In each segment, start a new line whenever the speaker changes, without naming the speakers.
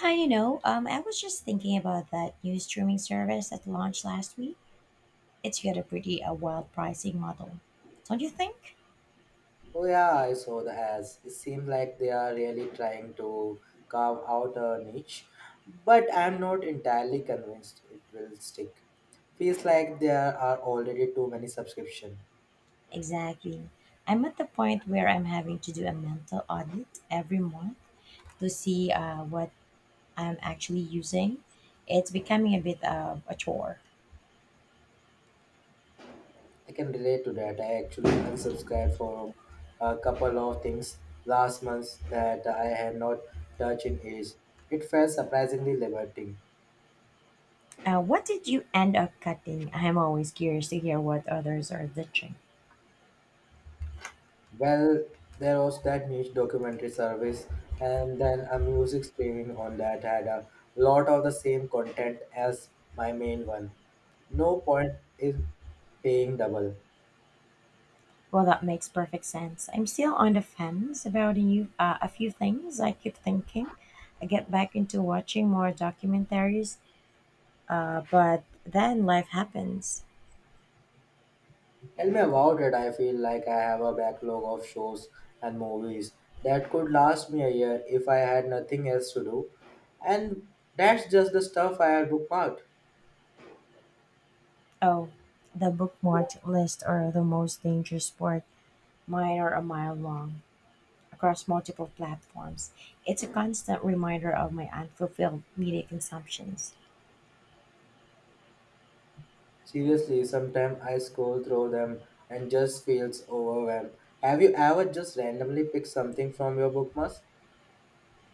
I was just thinking about that new streaming service that launched last week. It's got a pretty wild pricing model, don't you think?
Oh yeah, I saw the has. It seems like they are really trying to carve out a niche, but I'm not entirely convinced it will stick. Feels like there are already too many subscription.
Exactly. I'm at the point where I'm having to do a mental audit every month to see what I'm actually using. It's becoming a bit of a chore.
I can relate to that. I actually unsubscribed for a couple of things last month that I had not touched in ages. It felt surprisingly liberating.
What did you end up cutting? I'm always curious to hear what others are ditching.
Well, there was that niche documentary service, and then a music streaming on that had a lot of the same content as my main one. No point in paying double.
Well, that makes perfect sense. I'm still on the fence about a few things. I keep thinking I get back into watching more documentaries, but then life happens.
Tell me about it. I feel like I have a backlog of shows and movies that could last me a year if I had nothing else to do, and that's just the stuff I had bookmarked.
Oh, the bookmarked list are the most dangerous sport. Mine are a mile long across multiple platforms. It's a constant reminder of my unfulfilled media consumptions.
Seriously, sometimes I scroll through them and just feels overwhelmed. Have you ever just randomly picked something from your bookmarks?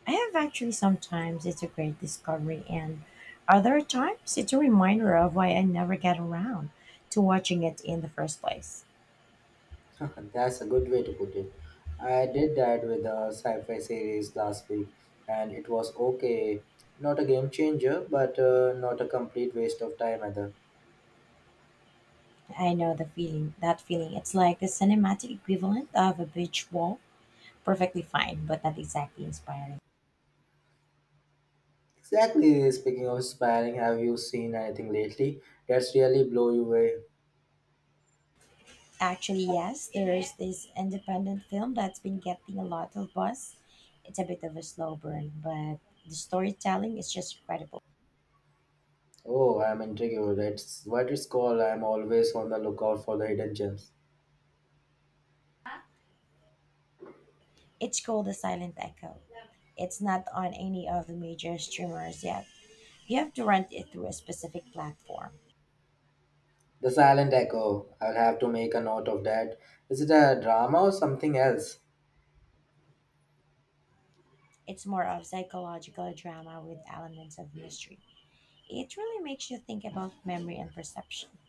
I have actually sometimes it's a great discovery, and other times it's a reminder of why I never get around to watching it in the first place.
That's a good way to put it. I did that with a sci-fi series last week, and it was okay. Not a game changer, but not a complete waste of time either.
I know that feeling. It's like the cinematic equivalent of a beach walk, perfectly fine, but not exactly inspiring.
Exactly. Speaking of inspiring, have you seen anything lately that's really blow you away?
Actually, yes, there is this independent film that's been getting a lot of buzz. It's a bit of a slow burn, but the storytelling is just incredible.
Oh, I'm intrigued. That's what it's called. I'm always on the lookout for the hidden gems.
It's called the Silent Echo. It's not on any of the major streamers yet. You have to rent it through a specific platform.
The silent echo. I'll have to make a note of that. Is it a drama or something else?
It's more of psychological drama with elements of mystery. It really makes you think about memory and perception.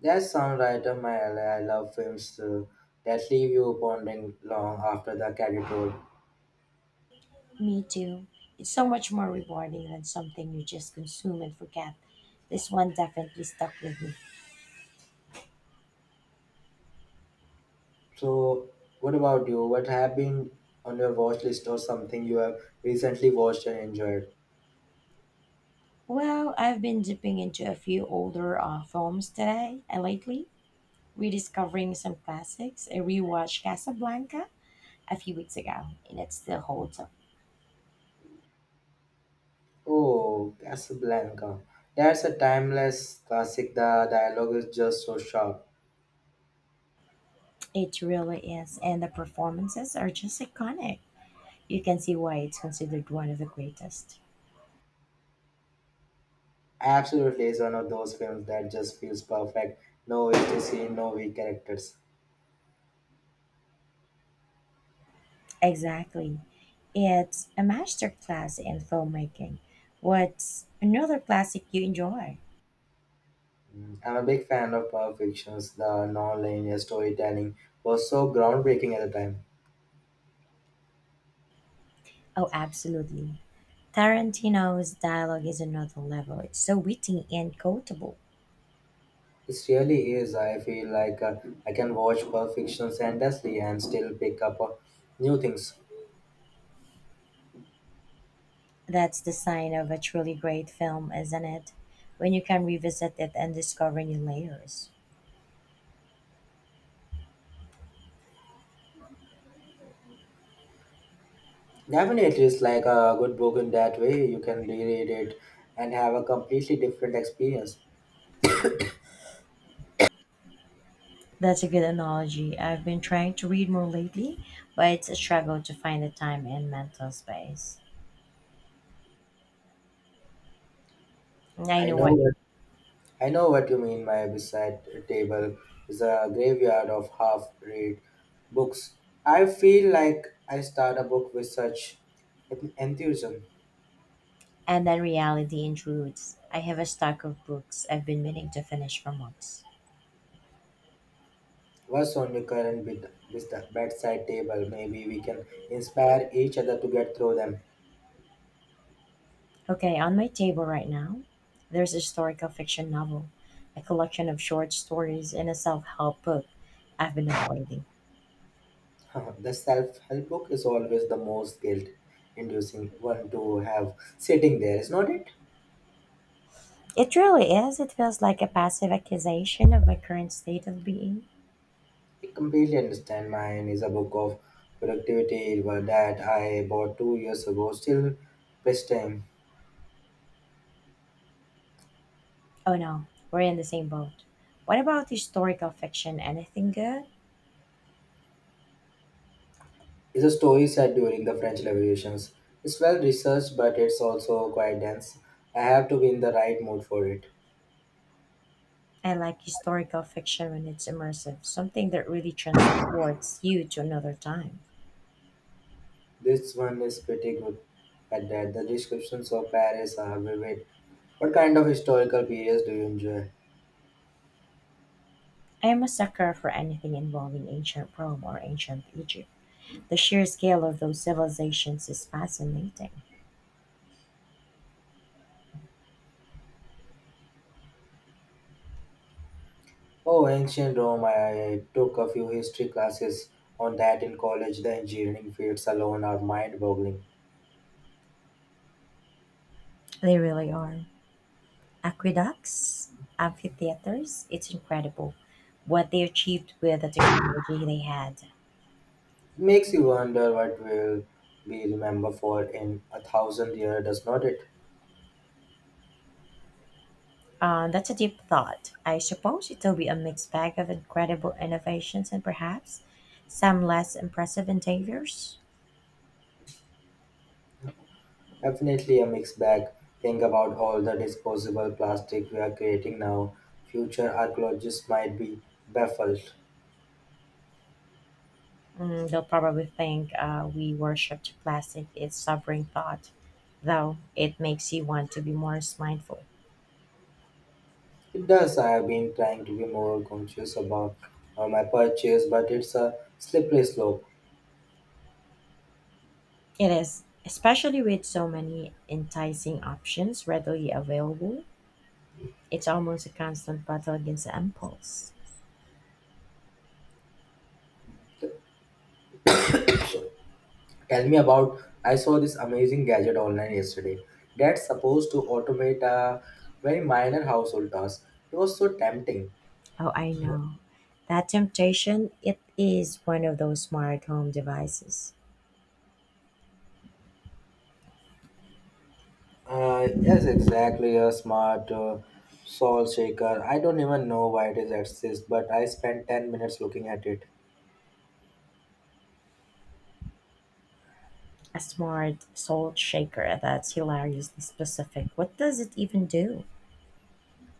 That's some right up my alley. I love films that leave you pondering long after the credit roll.
Me too. It's so much more rewarding than something you just consume and forget. This one definitely stuck with me.
So, what about you? What have been on your watch list or something you have recently watched and enjoyed?
Well, I've been dipping into a few older films today and lately, rediscovering some classics. I rewatched Casablanca a few weeks ago, and it still holds up.
Oh, Casablanca. That's a timeless classic. The dialogue is just so sharp.
It really is, and the performances are just iconic. You can see why it's considered one of the greatest.
Absolutely, it's one of those films that just feels perfect. No empty scene, no weak characters.
Exactly. It's a masterclass in filmmaking. What's another classic you enjoy?
Mm, I'm a big fan of Pulp Fiction's the non-linear storytelling was so groundbreaking at the time.
Oh, absolutely. Tarantino's dialogue is another level. It's so witty and quotable.
It really is. I feel like I can watch Pulp Fiction endlessly and still pick up new things.
That's the sign of a truly great film, isn't it? When you can revisit it and discover new layers.
Definitely, it's like a good book in that way. You can reread it and have a completely different experience.
That's a good analogy. I've been trying to read more lately, but it's a struggle to find the time and mental space. I
I
know
know
what.
what I know what you mean. My beside table is a graveyard of half-read books. I feel like I start a book with such enthusiasm.
And then reality intrudes. I have a stack of books I've been meaning to finish for months.
What's on your current bedside table? Maybe we can inspire each other to get through them.
Okay, on my table right now, there's a historical fiction novel, a collection of short stories, and a self help book I've been avoiding.
The self help book is always the most guilt inducing one to have sitting there, is not it?
It really is. It feels like a passive accusation of my current state of being.
I completely understand. Mine is a book of productivity that I bought 2 years ago, still best time.
Oh no, we're in the same boat. What about historical fiction? Anything good?
It's a story set during the French Revolutions. It's well researched, but it's also quite dense. I have to be in the right mood for it.
I like historical fiction when it's immersive, something that really transports you to another time.
This one is pretty good at that. The descriptions of Paris are vivid. What kind of historical periods do you enjoy?
I am a sucker for anything involving ancient Rome or ancient Egypt. The sheer scale of those civilizations is fascinating.
Oh, ancient Rome. I took a few history classes on that in college. The engineering fields alone are mind boggling.
They really are. Aqueducts, amphitheaters, it's incredible what they achieved with the technology they had.
It makes you wonder what will be remembered for in 1,000 years, does not it?
That's a deep thought. I suppose it'll be a mixed bag of incredible innovations and perhaps some less impressive endeavors.
Definitely a mixed bag. Think about all the disposable plastic we are creating now. Future archaeologists might be baffled.
Mm, they'll probably think we worshipped plastic, its sobering thought, though it makes you want to be more mindful.
It does. I have been trying to be more conscious about my purchase, but it's a slippery slope.
It is, especially with so many enticing options readily available. It's almost a constant battle against the impulse.
Tell me about. I saw this amazing gadget online yesterday that's supposed to automate a very minor household task. It was so tempting.
Oh, I know. That temptation, it is one of those smart home devices.
Yes, exactly. A smart salt shaker. I don't even know why it is exists, but I spent 10 minutes looking at it.
A smart salt shaker. That's hilariously specific. What does it even do?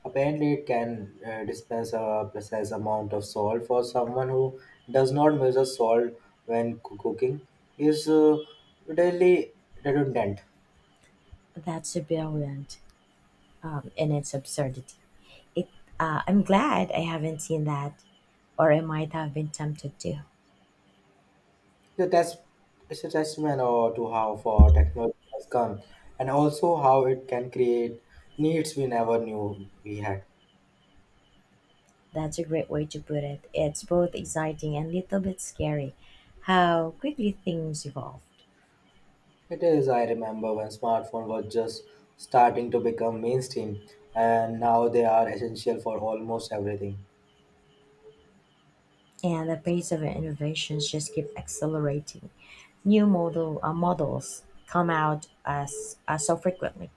Apparently, it can dispense a precise amount of salt for someone who does not measure salt when cooking is really redundant.
That's brilliant in its absurdity. It. I'm glad I haven't seen that, or I might have been tempted to.
So that's it's a testament or to how far technology has come, and also how it can create needs we never knew we had.
That's a great way to put it. It's both exciting and a little bit scary how quickly things evolved.
It is. I remember when smartphone was just starting to become mainstream, and now they are essential for almost everything.
And the pace of innovations just keep accelerating. New models come out as so frequently.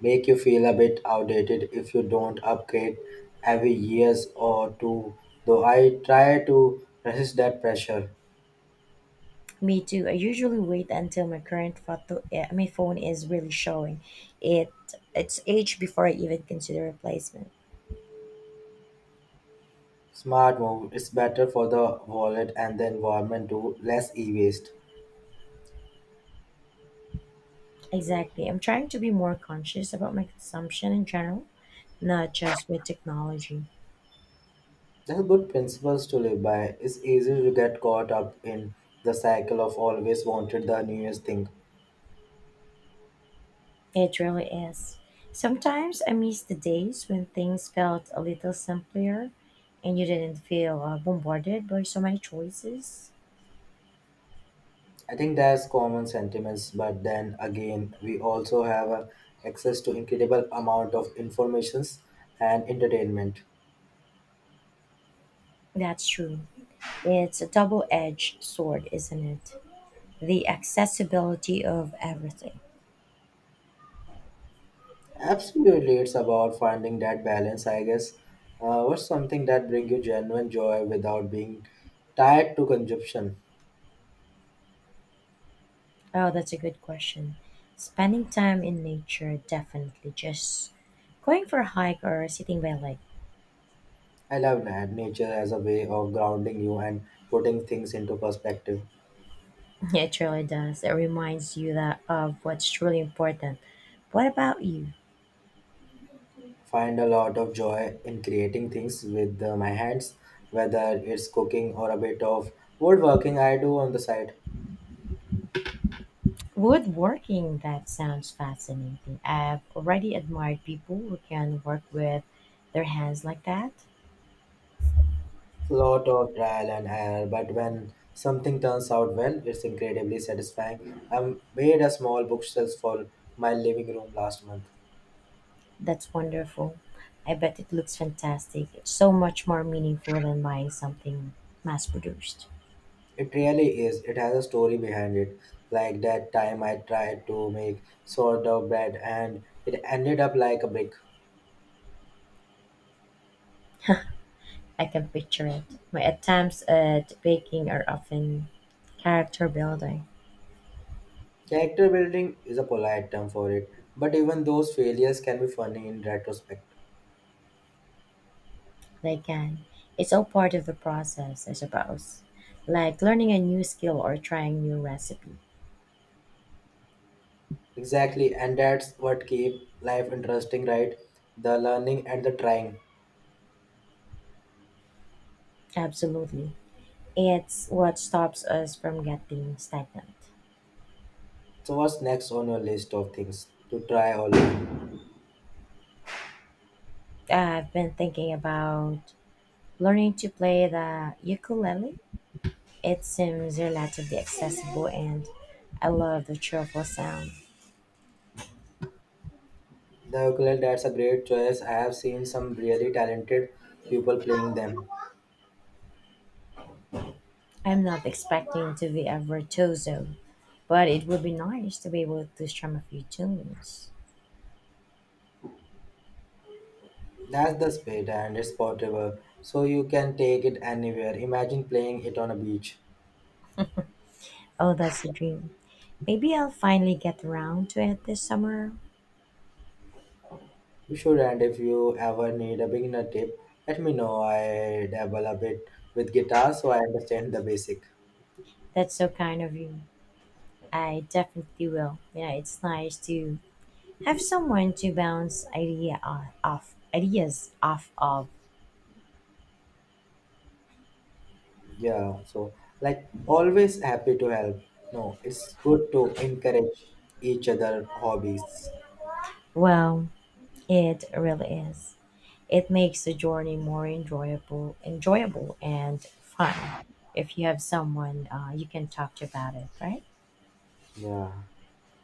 Make you feel a bit outdated if you don't upgrade every years or two, though I try to resist that pressure.
Me too. I usually wait until my current my phone is really showing it its age before I even consider replacement.
Smart move, it's better for the wallet and the environment too, less e-waste.
Exactly. I'm trying to be more conscious about my consumption in general, not just with technology.
They're good principles to live by. It's easy to get caught up in the cycle of always wanted the newest thing.
It really is. Sometimes I miss the days when things felt a little simpler and you didn't feel bombarded by so many choices.
I think that's common sentiments, but then again we also have access to incredible amount of informations and entertainment.
That's true. It's a double edged sword, isn't it? The accessibility of everything.
Absolutely, it's about finding that balance, I guess. What's something that brings you genuine joy without being tied to consumption?
Oh, that's a good question. Spending time in nature, definitely. Just going for a hike or sitting by a lake.
I love that nature as a way of grounding you and putting things into perspective.
It really does. It reminds you that of what's truly important. What about you?
Find a lot of joy in creating things with my hands, whether it's cooking or a bit of woodworking I do on the side.
Woodworking, that sounds fascinating. I've already admired people who can work with their hands like that.
Lot of trial and error, but when something turns out well, it's incredibly satisfying. I made a small bookshelf for my living room last month.
That's wonderful. I bet it looks fantastic. It's so much more meaningful than buying something mass produced.
It really is. It has a story behind it. Like that time I tried to make sourdough bread and it ended up like a brick.
I can picture it. My attempts at baking are often character building.
Character building is a polite term for it, but even those failures can be funny in retrospect.
They can. It's all part of the process, I suppose. Like learning a new skill or trying new recipe.
Exactly, and that's what keep life interesting, right? The learning and the trying.
Absolutely. It's what stops us from getting stagnant.
So what's next on your list of things to try or learn?
I've been thinking about learning to play the ukulele. It seems relatively accessible and I love the cheerful sound.
The ukulele, that's a great choice. I have seen some really talented people playing them.
I'm not expecting to be a virtuoso, but it would be nice to be able to strum a few tunes.
That's the speed and it's portable, so you can take it anywhere. Imagine playing it on a beach.
Oh, that's the dream. Maybe I'll finally get around to it this summer.
You should, and if you ever need a beginner tip, let me know. I dabble a bit with guitar, so I understand the basic.
That's so kind of you. I definitely will. Yeah, it's nice to have someone to bounce off ideas off of.
Yeah, so like always happy to help. No, it's good to encourage each other hobbies.
Well, it really is. It makes the journey more enjoyable and fun if you have someone you can talk to about it, right?
Yeah.